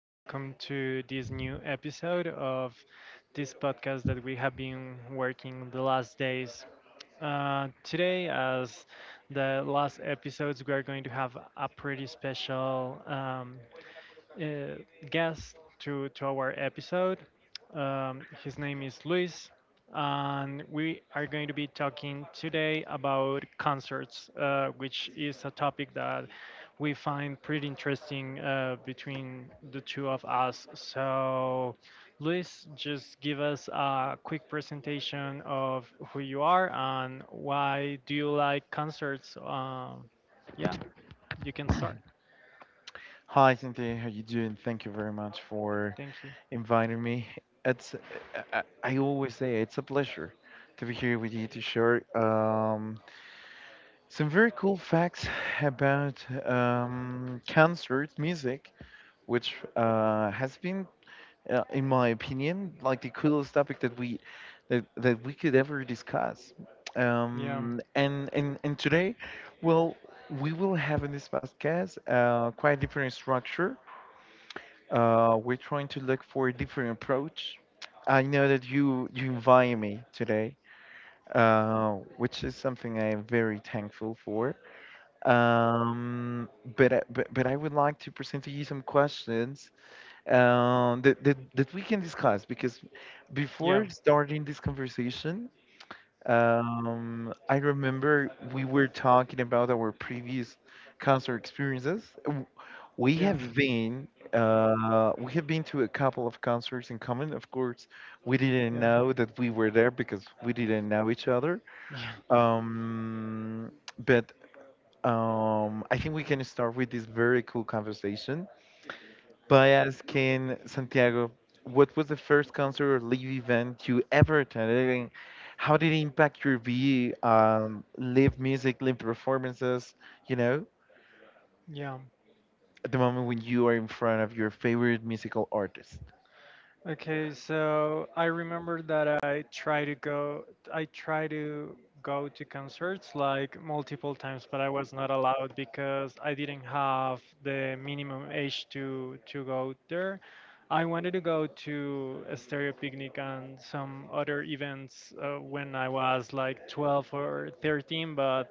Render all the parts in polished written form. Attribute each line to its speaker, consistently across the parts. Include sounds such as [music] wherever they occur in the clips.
Speaker 1: welcome to this new episode of this podcast that we have been working the last days. Today, as the last episodes, we are going to have a pretty special uh, guest to our episode. His name is Luis, and we are going to be talking today about concerts, which is a topic that we find pretty interesting between the two of us. So, Luis, just give us a quick presentation of who you are and why do you like concerts. Yeah, you can start.
Speaker 2: Hi, Cynthia. How you doing? Thank you very much for
Speaker 1: Thank you.
Speaker 2: inviting me. It's I always say it's a pleasure to be here with you to share some very cool facts about concert music, which has been, in my opinion, like the coolest topic that we could ever discuss.
Speaker 1: Yeah.
Speaker 2: And Today, well, we will have in this podcast quite different structure. We're trying to look for a different approach. I know that you invited me today, which is something I am very thankful for. Um, but I would like to present to you some questions that we can discuss because
Speaker 1: Yeah.
Speaker 2: before starting this conversation, I remember we were talking about our previous concert experiences. We
Speaker 1: Yeah.
Speaker 2: have been we have been to a couple of concerts in common. Of course, we didn't
Speaker 1: Yeah.
Speaker 2: know that we were there because we didn't know each other.
Speaker 1: Yeah.
Speaker 2: Um, but I think we can start with this very cool conversation by asking Santiago, what was the first concert or live event you ever attended, and how did it impact your view on live music, live performances, you know,
Speaker 1: Yeah.
Speaker 2: at the moment when you are in front of your favorite musical artist?
Speaker 1: Okay, so I remember that I try to go I try to go to concerts like multiple times, but I was not allowed because I didn't have the minimum age to go there. I wanted to go to a stereo picnic and some other events when I was like 12 or 13, but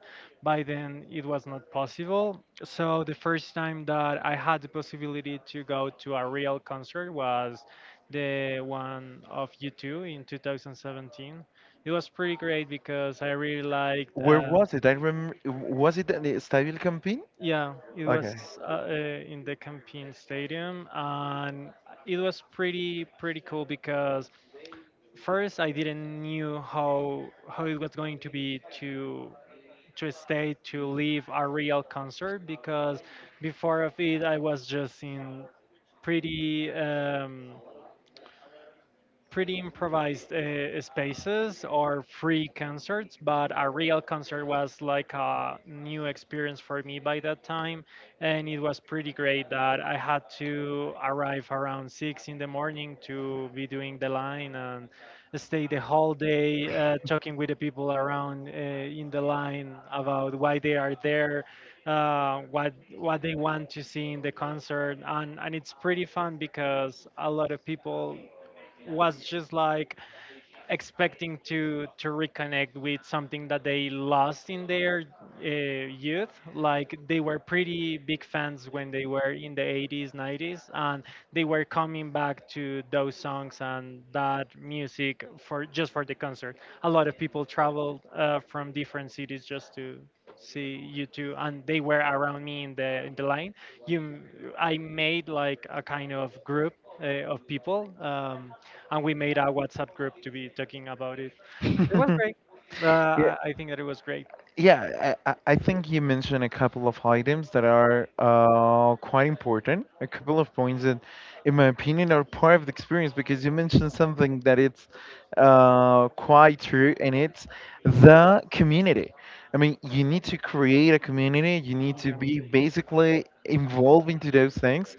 Speaker 1: by then it was not possible. So the first time that I had the possibility to go to a real concert was the one of U2 in 2017. It was pretty great because I really liked.
Speaker 2: Where was it? I remember, was it at the Estadio El Campín?
Speaker 1: Yeah, it was
Speaker 2: Okay.
Speaker 1: in the campaign stadium, and it was pretty cool because first I didn't knew how it was going to be to live a real concert because before of it I was just in pretty. Pretty improvised spaces or free concerts, but a real concert was like a new experience for me by that time, and it was pretty great that I had to arrive around six in the morning to be doing the line and stay the whole day talking with the people around in the line about why they are there. What they want to see in the concert, and it's pretty fun because a lot of people was just like expecting to reconnect with something that they lost in their youth, like they were pretty big fans when they were in the 80s 90s and they were coming back to those songs and that music for just for the concert. A lot of people traveled from different cities just to see you two, and they were around me in the line. you m- I made like a kind of group of people, and we made a WhatsApp group to be talking about it. It was great. Uh,
Speaker 2: [laughs]
Speaker 1: I
Speaker 2: [laughs]
Speaker 1: I think that it was great.
Speaker 2: Yeah, I think you mentioned a couple of items that are quite important. A couple of points that, in my opinion, are part of the experience because you mentioned something that it's quite true, and it's the community. I mean, you need to create a community. You need to
Speaker 1: Yeah,
Speaker 2: be basically involved into those things,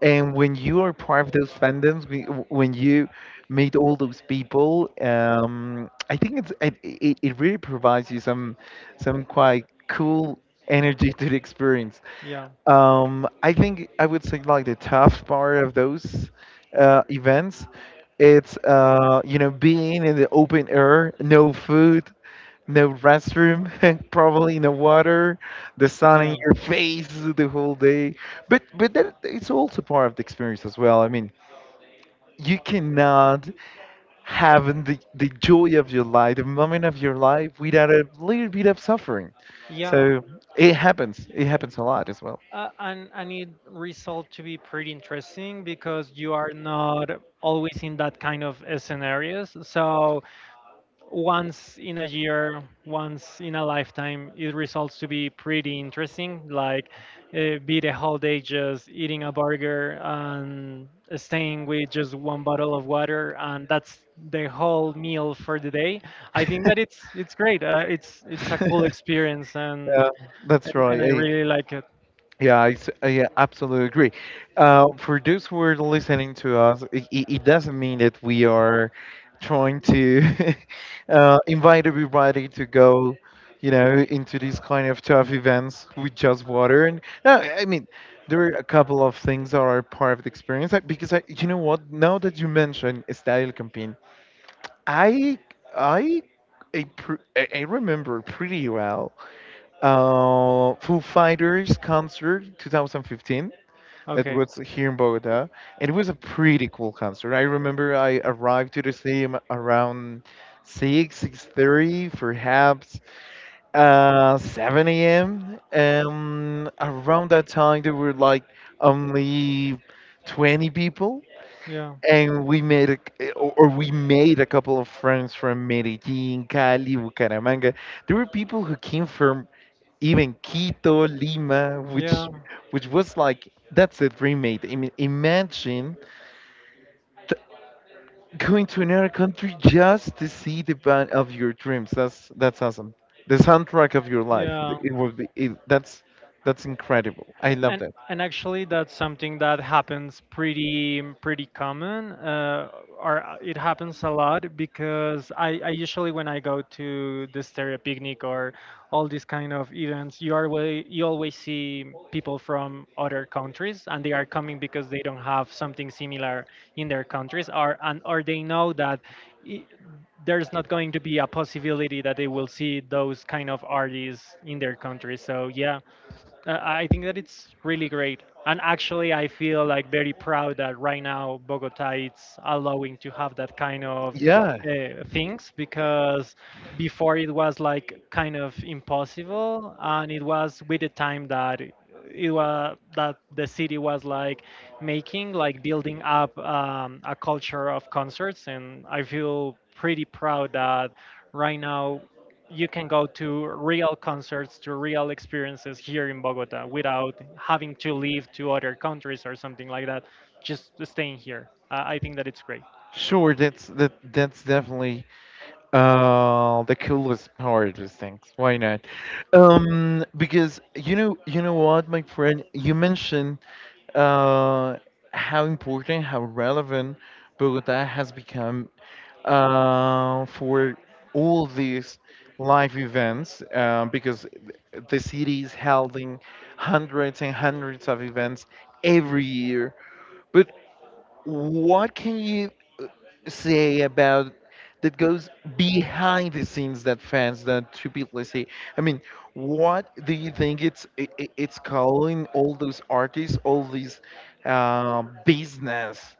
Speaker 2: and when you are part of those fandoms, when you meet all those people, I think it really provides you some quite cool energy to the experience.
Speaker 1: yeah,
Speaker 2: I think I would say like the tough part of those events, it's being in the open air, no food, no restroom, [laughs] probably no water, the sun in
Speaker 1: yeah,
Speaker 2: your face [laughs] the whole day. But that it's also part of the experience as well. I mean, you cannot have the joy of your life, the moment of your life without a little bit of suffering.
Speaker 1: yeah.
Speaker 2: So it happens. It happens a lot as well.
Speaker 1: And it result to be pretty interesting because you are not always in that kind of scenarios. So once in a year, once in a lifetime, it results to be pretty interesting. Like, be the whole day just eating a burger and staying with just one bottle of water, and that's the whole meal for the day. I think that it's great. It's a
Speaker 2: [laughs]
Speaker 1: cool
Speaker 2: Yeah,
Speaker 1: experience, and,
Speaker 2: that's
Speaker 1: and and I
Speaker 2: right.
Speaker 1: really like it.
Speaker 2: Yeah, absolutely agree. For those who are listening to us, it doesn't mean that we are trying to [laughs] invite everybody to go, you know, into these kind of tough events with just water. And no, I mean, there are a couple of things that are part of the experience, like. Because I, you know what? Now that you mention Estadio El Campín, I, I, I, pr- I remember pretty well Foo Fighters concert 2015 that
Speaker 1: Okay.
Speaker 2: was here in Bogota, and it was a pretty cool concert. I remember I arrived to the stadium around 6, 6:30, perhaps 7 a.m. Around that time, there were like only 20 people.
Speaker 1: Yeah.
Speaker 2: And we made a, c- or we made a couple of friends from Medellin, Cali, Bucaramanga. There were people who came from even Quito, Lima,
Speaker 1: Yeah.
Speaker 2: which was like that's a dream mate. I mean, imagine t- going to another country just to see the band of your dreams. That's awesome. The soundtrack of your life.
Speaker 1: Yeah.
Speaker 2: It would be it, that's incredible. I love
Speaker 1: and
Speaker 2: that.
Speaker 1: and actually that's something that happens pretty common, or it happens a lot because I usually when I go to the stereo picnic or all these kind of events, you always see people from other countries and they are coming because they don't have something similar in their countries or and or they know that i- there's not going to be a possibility that they will see those kind of artists in their country. So yeah, I think that it's really great. And actually, I feel like very proud that right now Bogota is allowing to have that kind of
Speaker 2: Yeah,
Speaker 1: things because before it was like kind of impossible, and it was with the time that it was that the city was like making like building up a culture of concerts, and I feel pretty proud that right now you can go to real concerts, to real experiences here in Bogota without having to leave to other countries or something like that. Just staying here. I think that it's great.
Speaker 2: sure. That's definitely uh, the coolest part of things. Why not? Because you know what, my friend, you mentioned uh, how important, how relevant Bogota has become for all these live events because the city is holding hundreds and hundreds of events every year. But what can you say about that goes behind the scenes that fans don't typically see. I mean, what do you think it's calling all those artists, all these business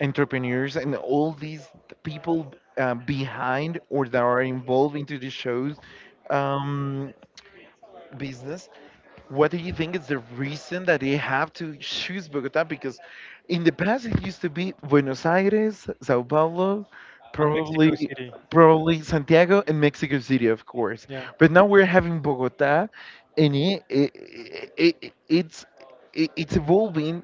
Speaker 2: entrepreneurs, and all these people behind or that are involved into the shows? Um, business, what do you think is the reason that they have to choose Bogota? Because in the past it used to be Buenos Aires, Sao Paulo,
Speaker 1: And Mexico
Speaker 2: probably
Speaker 1: City.
Speaker 2: probably Santiago and Mexico City, of course.
Speaker 1: Yeah.
Speaker 2: But now we're having Bogota, and it, it's it's evolving.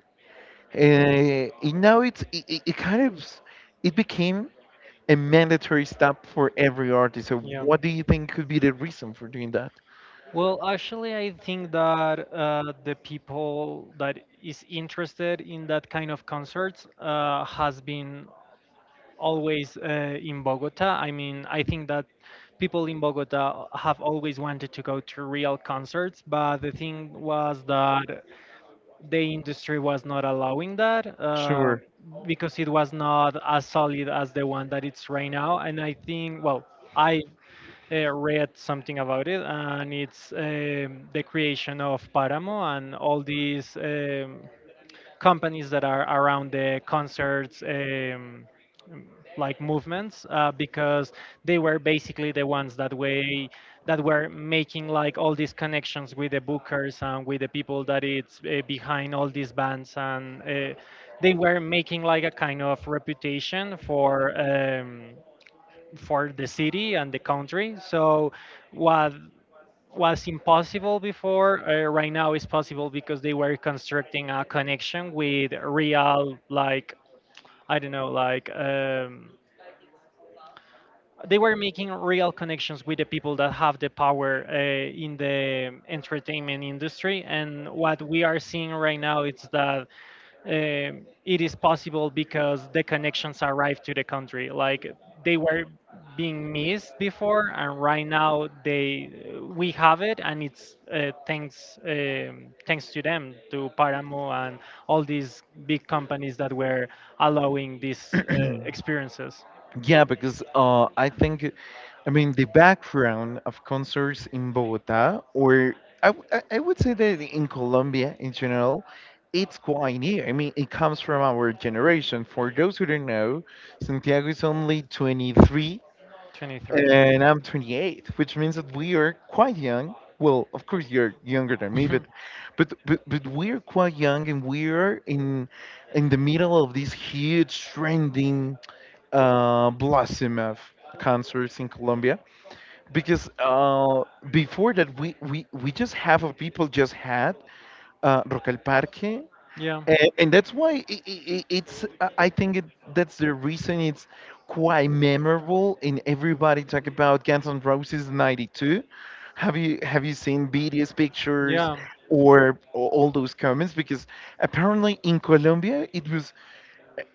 Speaker 2: It, now it's it, it it kind of it became a mandatory stop for every artist. So
Speaker 1: Yeah.
Speaker 2: what do you think could be the reason for doing that?
Speaker 1: Well, actually, I think that the people that is interested in that kind of concerts has been always in Bogota. I mean, I think that people in Bogota have always wanted to go to real concerts, but the thing was that the industry was not allowing that,
Speaker 2: Sure.
Speaker 1: because it was not as solid as the one that it's right now. And I think, well, I read something about it, and it's the creation of Paramo and all these. Companies that are around the concerts, like movements, because they were basically the ones that way that were making like all these connections with the bookers and with the people that it's behind all these bands, and they were making like a kind of reputation for the city and the country. So what was impossible before, right now is possible because they were constructing a connection with real, like, I don't know, like, they were making real connections with the people that have the power in the entertainment industry, and what we are seeing right now is that it is possible because the connections arrived to the country, like they were being missed before, and right now they we have it, and it's thanks to them, to paramo and all these big companies that were allowing these experiences.
Speaker 2: Yeah, because I think, I mean, the background of concerts in Bogota, or I would say that in Colombia in general, it's quite new. I mean, it comes from our generation. For those who don't know, Santiago is only 23
Speaker 1: 23.
Speaker 2: and I'm 28, which means that we are quite young. Well, of course, you're younger than me, but
Speaker 1: [laughs]
Speaker 2: but we're quite young and we're in the middle of this huge trending blossom of concerts in Colombia because before that we just have or people just had Rock al Parque,
Speaker 1: Yeah,
Speaker 2: and that's why I- it's I think that's the reason it's quite memorable and everybody talk about Guns N' Roses '92. Have you seen BTS pictures
Speaker 1: yeah,
Speaker 2: or all those comments? Because apparently in Colombia it was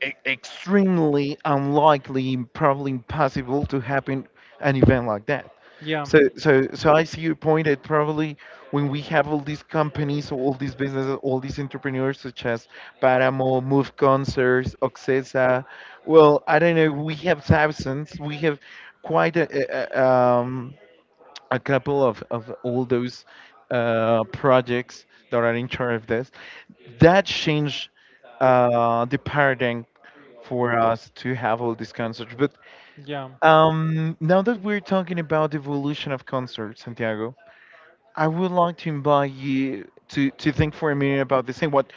Speaker 2: extremely unlikely, probably impossible to happen an event like that.
Speaker 1: yeah,
Speaker 2: So I see your point that probably when we have all these companies, all these businesses, all these entrepreneurs such as Paramo, Move Concerts, Oxesa, well, I don't know, we have thousands, we have quite a- um, a couple of all those projects that are in charge of this. That changed the paradigm for us to have all these concerts. But
Speaker 1: yeah, yeah,
Speaker 2: now that we're talking about the evolution of concerts, Santiago, I would like to invite you to think for a minute about this thing.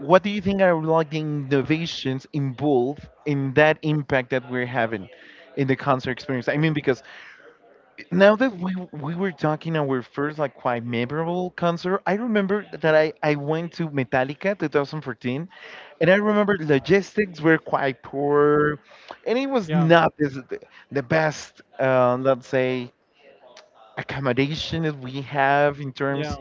Speaker 2: What do you think are like the innovations involved in that impact that we're having in the concert experience? I mean, because now that we were talking our first like quite memorable concert, I remember that I went to Metallica 2014, and I remember logistics were quite poor, and it was
Speaker 1: yeah,
Speaker 2: not this, the best let's say accommodation that we have in
Speaker 1: yeah.
Speaker 2: terms.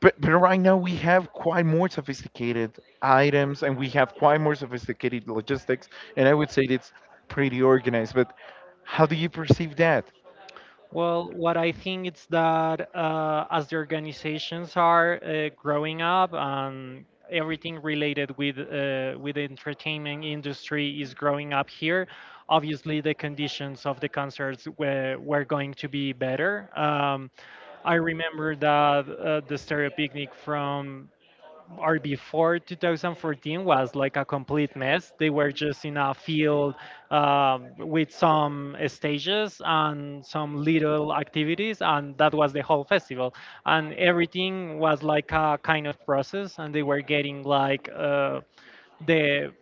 Speaker 2: But right now we have quite more sophisticated items, and we have quite more sophisticated logistics, and I would say it's pretty organized. But how do you perceive that?
Speaker 1: Well, what I think is that as the organizations are growing up and everything related with the entertainment industry is growing up here, obviously the conditions of the concerts were going to be better. I remember that the Stereo Picnic from or before 2014 was like a complete mess. They were just in a field, with some stages and some little activities, and that was the whole festival. And everything was like a kind of process, and they were getting like the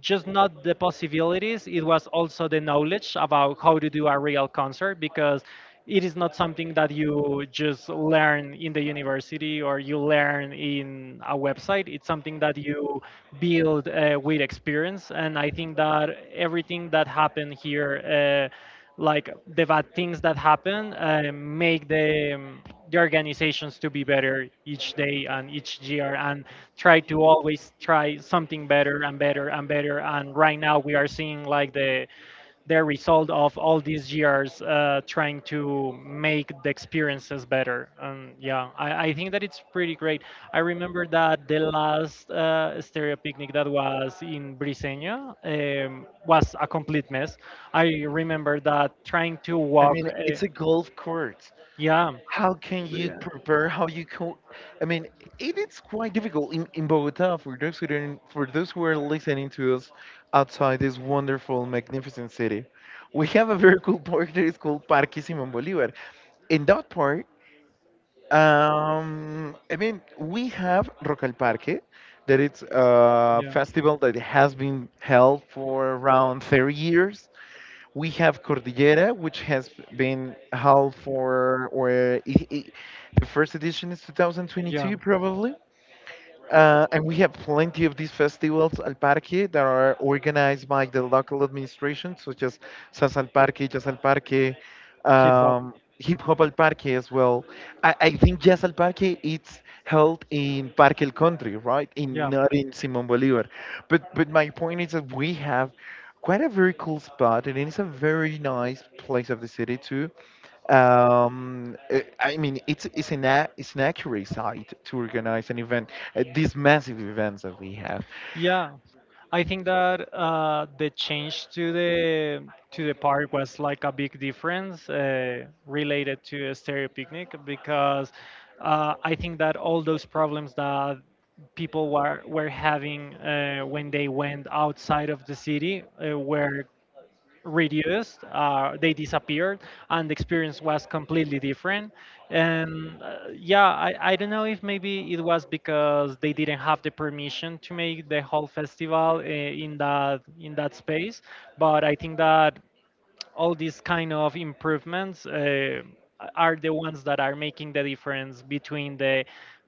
Speaker 1: just not the possibilities, it was also the knowledge about how to do a real concert because it is not something that you just learn in the university or you learn in a website, it's something that you build with experience. And I think that everything that happened here, like the bad things that happen, make the organizations to be better each day and each year, and try to always try something better and better and better. And right now we are seeing like the result of all these years trying to make the experiences better. And yeah, I think that it's pretty great. I remember that the last stereo picnic that was in Briseña, was a complete mess. I remember that trying to
Speaker 2: I
Speaker 1: walk.
Speaker 2: mean, it's a golf course.
Speaker 1: Yeah,
Speaker 2: How can you prepare? I mean, it is quite difficult in Bogota for those who don't, for those who are listening to us outside this wonderful, magnificent city. We have a very cool park that is called Parque Simón Bolívar. In that park, I mean, we have Rock al Parque, that it's a
Speaker 1: yeah,
Speaker 2: festival that has been held for around 30 years. We have Cordillera, which has been held for, the first edition is
Speaker 1: yeah.
Speaker 2: 2022, probably. And we have plenty of these festivals al parque that are organized by the local administration, such as Salsa al Parque, Jazz al Parque,
Speaker 1: Hip hop.
Speaker 2: um, Hip Hop al Parque as well. I think Jazz al Parque it's held in Parque El Country, right? In
Speaker 1: Yeah.
Speaker 2: not in Simón Bolívar. But my point is that we have quite a very cool spot, and it's a very nice place of the city too, I mean, it's an accurate site to organize an event, these massive events that we have.
Speaker 1: Yeah, I think that the change to the park was like a big difference related to a stereo picnic because I think that all those problems that people were having when they went outside of the city were reduced, they disappeared, and the experience was completely different. And yeah, I don't know if maybe it was because they didn't have the permission to make the whole festival in that space, but I think that all these kind of improvements, are the ones that are making the difference between the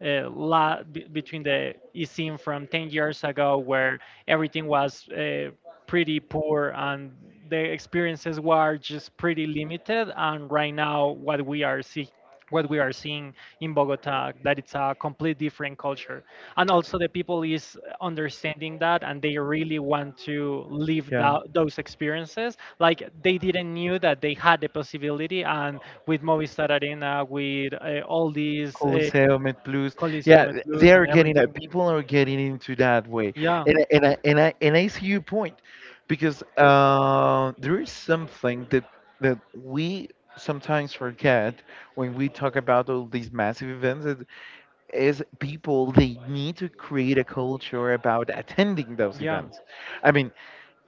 Speaker 1: between the eSIM from 10 years ago where everything was pretty poor and the experiences were just pretty limited, and right now what we are seeing in Bogota, that it's a complete different culture, and also the people is understanding that and they really want to live
Speaker 2: Yeah,
Speaker 1: those experiences, like they didn't knew that they had the possibility. And with Movistar Arena, with all these
Speaker 2: Coliseum and Plus.
Speaker 1: Coliseum
Speaker 2: Yeah, they
Speaker 1: Plus and
Speaker 2: are getting that.
Speaker 1: everything,
Speaker 2: People are getting into that way,
Speaker 1: yeah,
Speaker 2: and I see your point, because there is something that that we sometimes forget when we talk about all these massive events, that is people they need to create a culture about attending those
Speaker 1: yeah,
Speaker 2: events. I mean,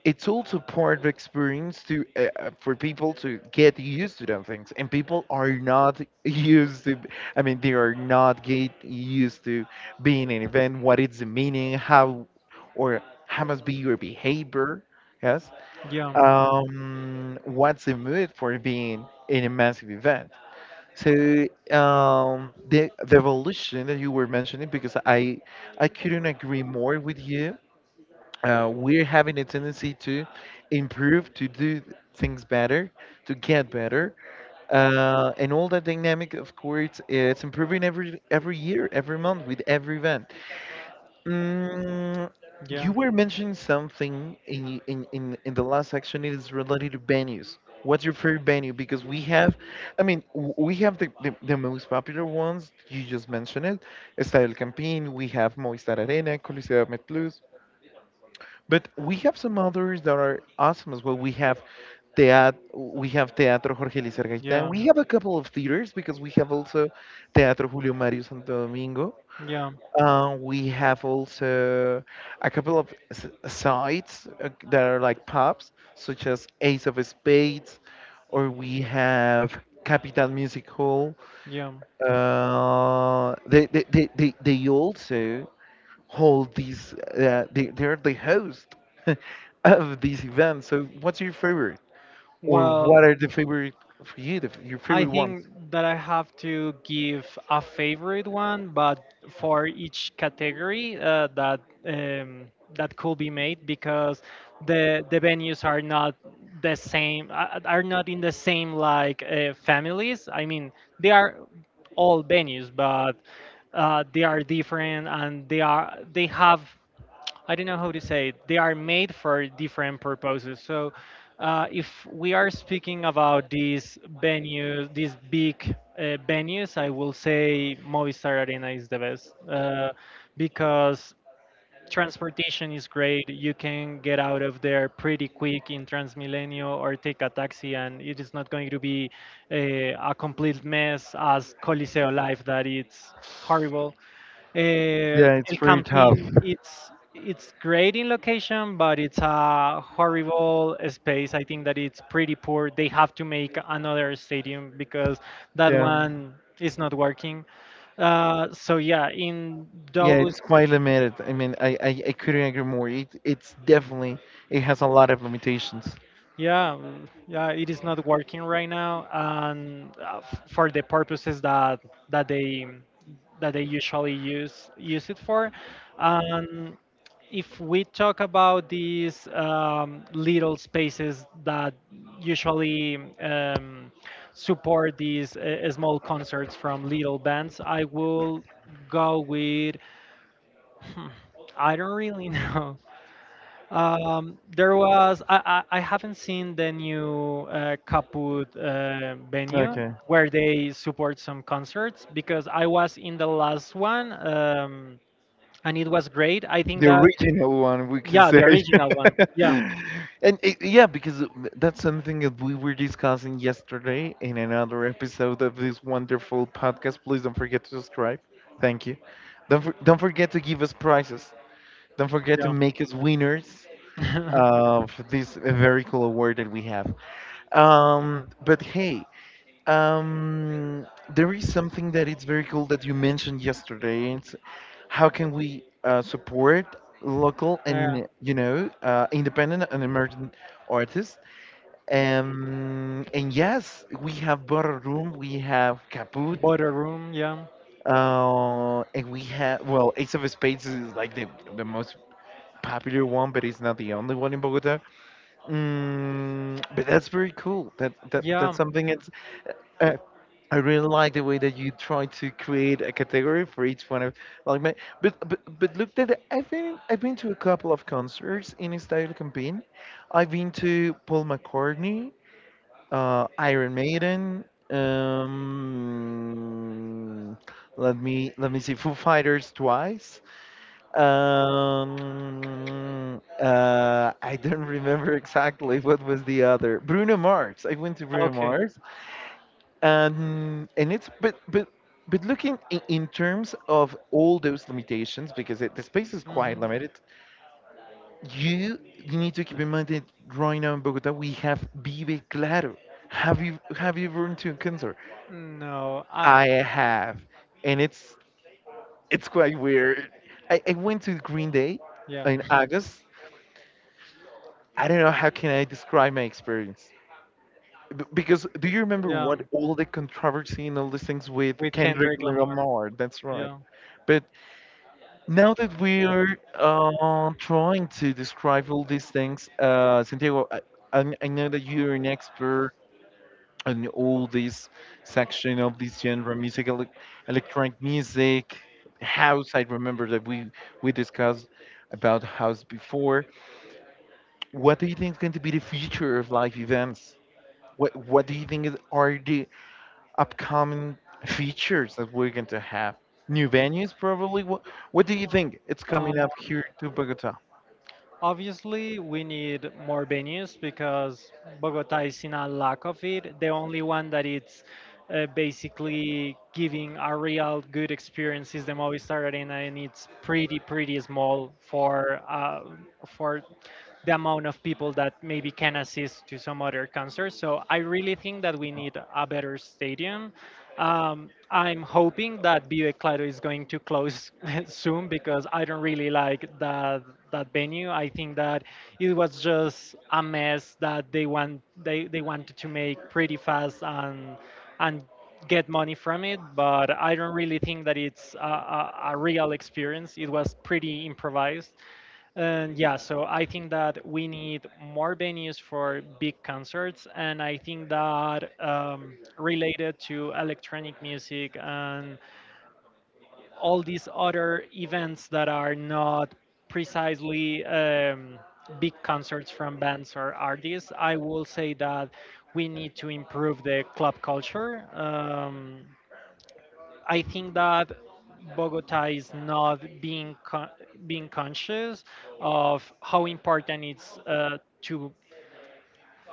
Speaker 2: it's also part of experience to for people to get used to them things, and people are not [laughs] used to, I mean, they are not get used to being an event, what is the meaning, how, or how must be your behavior, yes,
Speaker 1: yeah,
Speaker 2: what's the mood for being in a massive event. So the evolution that you were mentioning, because I couldn't agree more with you, we're having a tendency to improve, to do things better, to get better. And all that dynamic, of course, it's improving every year, every month with every event. Mm, you
Speaker 1: yeah,
Speaker 2: were mentioning something in the last section. It is related to venues. What's your favorite venue? Because we have, I mean, we have the most popular ones. You just mentioned it. Estadio El Campín. We have Movistar Arena, Coliseo Met Plus. But we have some others that are awesome as well. We have Teatro Jorge Elícer Gaitán.
Speaker 1: yeah,
Speaker 2: We have a couple of theaters because we have also Teatro Julio Mario Santo Domingo.
Speaker 1: yeah,
Speaker 2: We have also a couple of sites that are like pubs, such as Ace of Spades, or we have Capital Music Hall.
Speaker 1: yeah.
Speaker 2: They also hold they're the host [laughs] of these events. So what's your favorite, or
Speaker 1: Well,
Speaker 2: what are the favorite for you, the, your
Speaker 1: I
Speaker 2: favorite ones?
Speaker 1: think that I have to give a favorite one, but for each category um, that could be made, because the venues are not the same, are not in the same like families. I mean, they are all venues, but they are different, and they have I don't know how to say it. They are made for different purposes. So, if we are speaking about these venues, these big uh, venues, I will say Movistar Arena is the best because transportation is great. You can get out of there pretty quick in Transmilenio or take a taxi, and it is not going to be a complete mess as Coliseo Life, that it's horrible.
Speaker 2: Yeah, it's
Speaker 1: El
Speaker 2: pretty tough.
Speaker 1: Campín, it's great in location, but it's a horrible space. I think that it's pretty poor. They have to make another stadium because that
Speaker 2: Yeah,
Speaker 1: one is not working. So yeah, in
Speaker 2: yeah,
Speaker 1: those
Speaker 2: it's quite limited. I mean, I couldn't agree more. It's definitely, it has a lot of limitations.
Speaker 1: Yeah, yeah, it is not working right now, and for the purposes that that they that they usually use it for. And if we talk about these little spaces that usually support these small concerts from little bands, I will go with. Hmm, I don't really [laughs] know. There was I haven't seen the new Kaput venue
Speaker 2: Okay.
Speaker 1: where they support some concerts because I was in the last one, and it was great. I think
Speaker 2: The
Speaker 1: that
Speaker 2: original one, we can
Speaker 1: yeah,
Speaker 2: say.
Speaker 1: the original one.
Speaker 2: [laughs]
Speaker 1: Yeah,
Speaker 2: And it, yeah, because that's something that we were discussing yesterday in another episode of this wonderful podcast. Please don't forget to subscribe. Thank you. Don't forget to give us prizes. Don't forget to make us winners
Speaker 1: yeah, [laughs]
Speaker 2: of this very cool award that we have. But hey. um, there is something that it's very cool that you mentioned yesterday. It's, how can we support local
Speaker 1: yeah.
Speaker 2: and, you know, independent and emerging artists? And yes, we have Butter Room, we have Caput,
Speaker 1: Border room. Yeah,
Speaker 2: and we have, well, Ace of Spades is like the most popular one, but it's not the only one in Bogota. Mm, but that's very cool. That's
Speaker 1: yeah.
Speaker 2: something. It's. Uh, I really like the way that you try to create a category for each one of, like, my, but look that I've been to a couple of concerts in style campaign. I've been to Paul McCartney, Iron Maiden, um, let me see, Foo Fighters twice. I don't [laughs] remember exactly what was the other. Bruno Mars, I went to Bruno
Speaker 1: Okay.
Speaker 2: Mars, and it's, but looking in terms of all those limitations, because it, the space is quite
Speaker 1: hmm
Speaker 2: limited. you you need to keep in mind that right now in Bogota we have Vive Claro. Have you been to a concert?
Speaker 1: No, I
Speaker 2: I have, and it's quite weird. I went to Green Day
Speaker 1: yeah,
Speaker 2: in August. I don't know how can I describe my experience. Because do you
Speaker 1: [laughs]
Speaker 2: remember
Speaker 1: yeah.
Speaker 2: what all the controversy and all these things with
Speaker 1: With
Speaker 2: Kendrick
Speaker 1: Kendrick Lamar.
Speaker 2: Lamar, that's right.
Speaker 1: Yeah.
Speaker 2: But. Now that we're trying to describe all these things, Santiago, I know that you're an expert on all this section of this genre, music, electronic music, house. I remember that we discussed about house before. What do you think is going to be the future of live events? What do you think is, are the upcoming features that we're going to have? New venues, probably. What do you think it's
Speaker 1: Um,
Speaker 2: coming up here to Bogota?
Speaker 1: Obviously, we need more venues because Bogota is in a lack of it. The only one that it's basically giving a real good experience is the Movistar Arena, and it's pretty small for for the amount of people that maybe can assist to some other concerts. So I really think that we need a better stadium. I'm hoping that Vive Claro is going to close [laughs] soon because I don't really like that that venue. I think that it was just a mess that they wanted to make pretty fast and get money from it. But I don't really think that it's a real experience. It was pretty improvised. And yeah, so I think that we need more venues for big concerts, and I think that related to electronic music and all these other events that are not precisely, big concerts from bands or artists, I will say that we need to improve the club culture. I think that Bogota is not being conscious of how important it's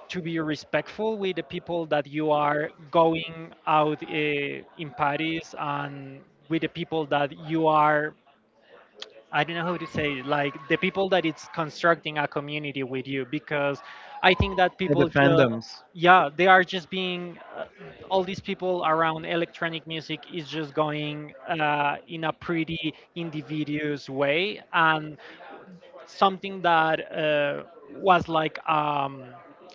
Speaker 1: to be respectful with the people that you are going out in Paris and with the people that you are, I don't know how to say it, like the people that it's constructing a community with you, because I think that
Speaker 2: Yeah, the
Speaker 1: people just
Speaker 2: fandoms.
Speaker 1: yeah, they are just being all these people around electronic music is just going in a pretty individuous way, and something that was like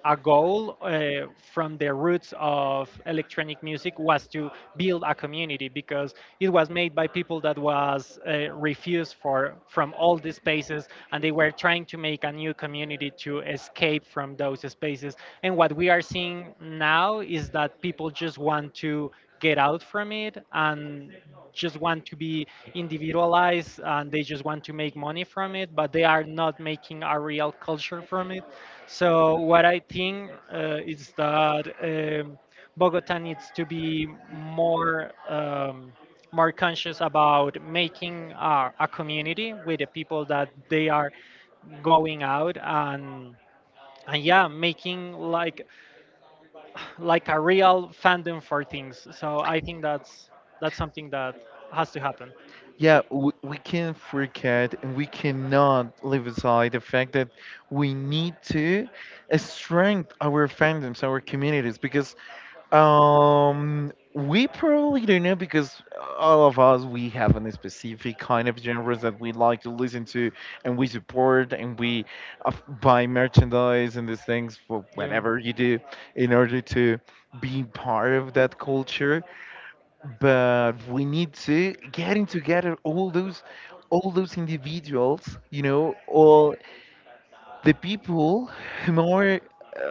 Speaker 1: a goal from the roots of electronic music was to build a community because it was made by people that was refused for from all these spaces, and they were trying to make a new community to escape from those spaces. And what we are seeing now is that people just want to get out from it and just want to be individualized, and they just want to make money from it, but they are not making a real culture from it. So what I think is that, um, Bogota needs to be more, more conscious about making a community with the people that they are going out, and yeah, making like a real fandom for things. So I think that's something that has to happen.
Speaker 2: Yeah, we can't forget and we cannot leave aside the fact that we need to strengthen our fandoms, our communities, because we probably don't know, because all of us, we have a specific kind of genres that we like to listen to and we support and we uh, buy merchandise and these things for
Speaker 1: Yeah,
Speaker 2: whatever you do in order to be part of that culture. But we need to getting together all those, all those individuals, you know, all the people, more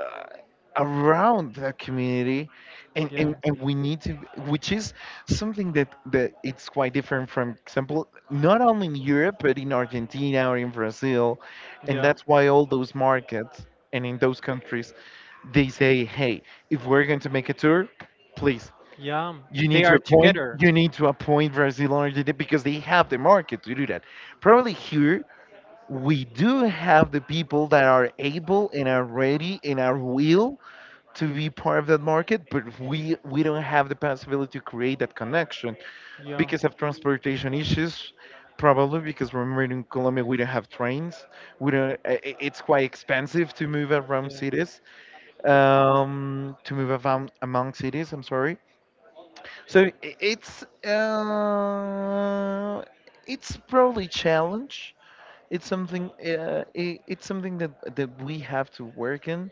Speaker 2: around that community, and,
Speaker 1: yeah,
Speaker 2: and and we need to, which is something that that it's quite different from example not only in Europe but in Argentina or in Brazil, and
Speaker 1: yeah,
Speaker 2: that's why all those markets and in those countries, they say, hey, if we're going to make a tour, please,
Speaker 1: yeah.
Speaker 2: you need
Speaker 1: They
Speaker 2: to
Speaker 1: are
Speaker 2: appoint.
Speaker 1: together.
Speaker 2: You need to appoint Brazil and Argentina because they have the market to do that. Probably here we do have the people that are able and are ready and are will to be part of that market, but we don't have the possibility to create that connection
Speaker 1: Yeah,
Speaker 2: because of transportation issues. Probably because, remember, in Colombia we don't have trains. We don't. It's quite expensive to move around
Speaker 1: yeah,
Speaker 2: cities. To move around among cities, I'm sorry. So it's probably challenge. It's something, I it's something that that we have to work in,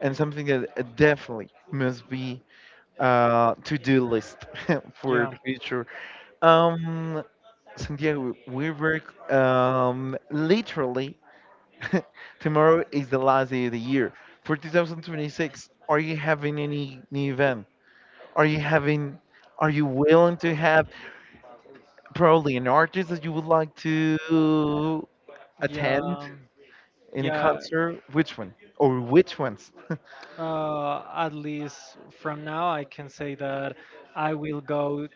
Speaker 2: and something that definitely must be to-do list [laughs] for
Speaker 1: yeah,
Speaker 2: the future. Um, Santiago, we work, literally. [laughs] Tomorrow is the last day of the year. For 2026, are you having any new event? Are you having, are you willing to have probably an artist that you would like to
Speaker 1: yeah,
Speaker 2: attend in a
Speaker 1: yeah.
Speaker 2: concert? Which one? Or which ones? [laughs]
Speaker 1: At least from now, I can say that I will go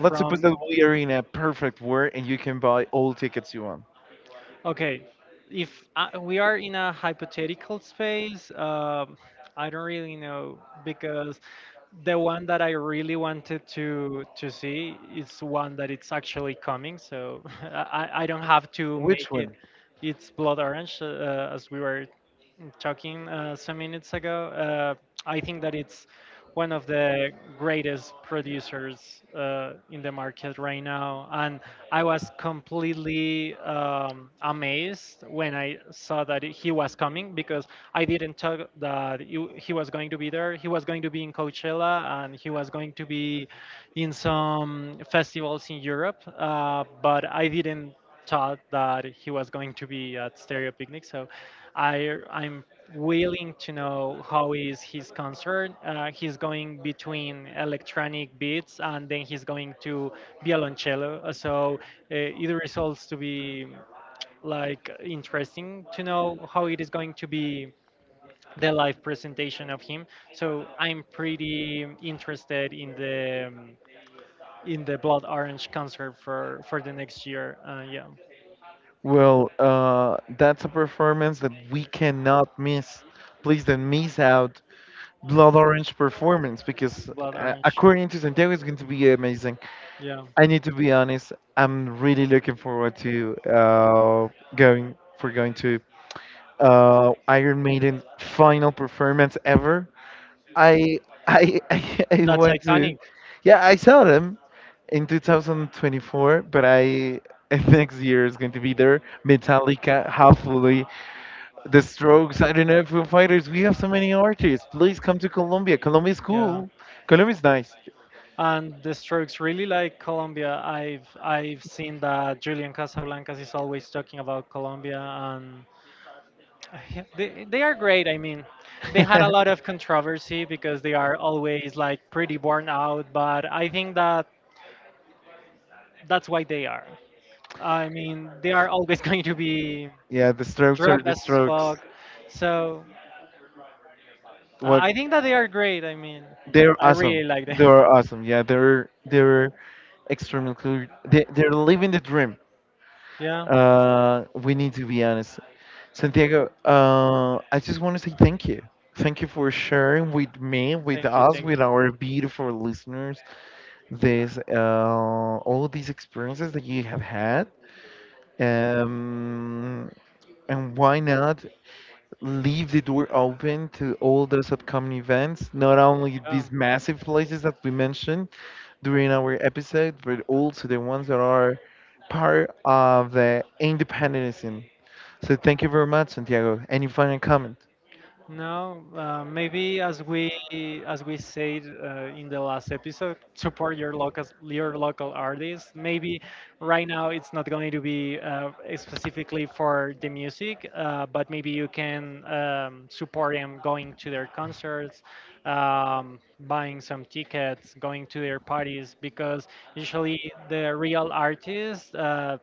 Speaker 2: Let's suppose
Speaker 1: from.
Speaker 2: that we are in a perfect world and you can buy all tickets you want.
Speaker 1: Okay, if I, we are in a hypothetical space, I don't really know because the one that I really wanted to see is one that it's actually coming, so [laughs] I don't have to make
Speaker 2: Which
Speaker 1: it.
Speaker 2: one?
Speaker 1: It's Blood Orange, as we were talking some minutes ago. I think that it's one of the greatest producers in the market right now. And I was completely amazed when I saw that he was coming because I didn't talk that he was going to be there. He was going to be in Coachella and he was going to be in some festivals in Europe, but I didn't thought that he was going to be at Stereo Picnic. So I'm willing to know how is his concert. He's going between electronic beats and then he's going to violoncello. So it results to be like interesting to know how it is going to be the live presentation of him. So I'm pretty interested in the, in the Blood Orange concert for the next year. Yeah.
Speaker 2: Well, that's a performance that we cannot miss. Please don't miss out Blood Orange performance because,
Speaker 1: Blood Orange,
Speaker 2: according to Santiago, it's going to be amazing.
Speaker 1: yeah.
Speaker 2: I need to be honest. I'm really looking forward to going to Iron Maiden's final performance ever. I I [laughs] I
Speaker 1: That's
Speaker 2: went to,
Speaker 1: iconic.
Speaker 2: yeah, I saw them in 2024, but I [laughs] next year is going to be there. Metallica, hopefully, The Strokes. I don't know, Foo Fighters. We have so many artists. Please come to Colombia. Colombia is
Speaker 1: Yeah.
Speaker 2: cool. Colombia is nice.
Speaker 1: And the Strokes really like Colombia. I've seen that Julian Casablancas is always talking about Colombia, and [sighs] they are great. I mean, they had a lot
Speaker 2: [laughs]
Speaker 1: of controversy because they are always like pretty worn out, but I think that that's why they are. I mean, they are always [laughs] going to be
Speaker 2: Yeah, The Strokes are
Speaker 1: drugged
Speaker 2: The
Speaker 1: as
Speaker 2: Strokes.
Speaker 1: fuck. So
Speaker 2: What?
Speaker 1: I think that they are great. I mean,
Speaker 2: They're
Speaker 1: I really
Speaker 2: awesome.
Speaker 1: like them.
Speaker 2: They're awesome. Yeah, they're extremely cool. They're living the dream.
Speaker 1: [laughs] Yeah.
Speaker 2: We need to be honest. Santiago, I just want to say thank you. Thank you for sharing with me, with
Speaker 1: Thank you,
Speaker 2: us,
Speaker 1: thank
Speaker 2: with
Speaker 1: you.
Speaker 2: our beautiful listeners, this all these experiences that you have had. Um, and why not leave the door open to all those upcoming events, not only
Speaker 1: Yeah.
Speaker 2: these massive places that we mentioned during our episode, but also the ones that are part of the independentism. So thank you very much, Santiago. Any final comment?
Speaker 1: Now, maybe as we said in the last episode, support your local artists. Maybe right now it's not going to be specifically for the music, but maybe you can support them going to their concerts, buying some tickets, going to their parties, because usually the real artists.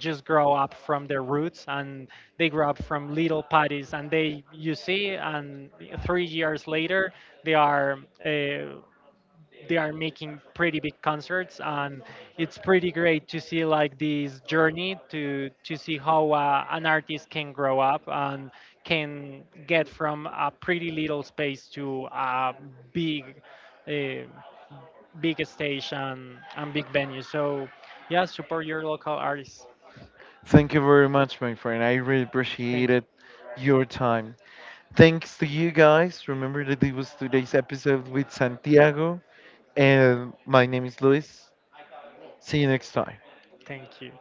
Speaker 1: Just grow up from their roots and they grow up from little patties and they you see, and 3 years later they are, uh, they are making pretty big concerts, and it's pretty great to see like this journey to see how an artist can grow up and can get from a pretty little space to a big, uh, big stage and big venue. So yeah, support your local artists.
Speaker 2: Thank you very much, my friend. I really
Speaker 1: Thank you.
Speaker 2: appreciated your time. Thanks to you guys. Remember that it was today's episode with Santiago, and my name is Luis. See you next time.
Speaker 1: Thank you.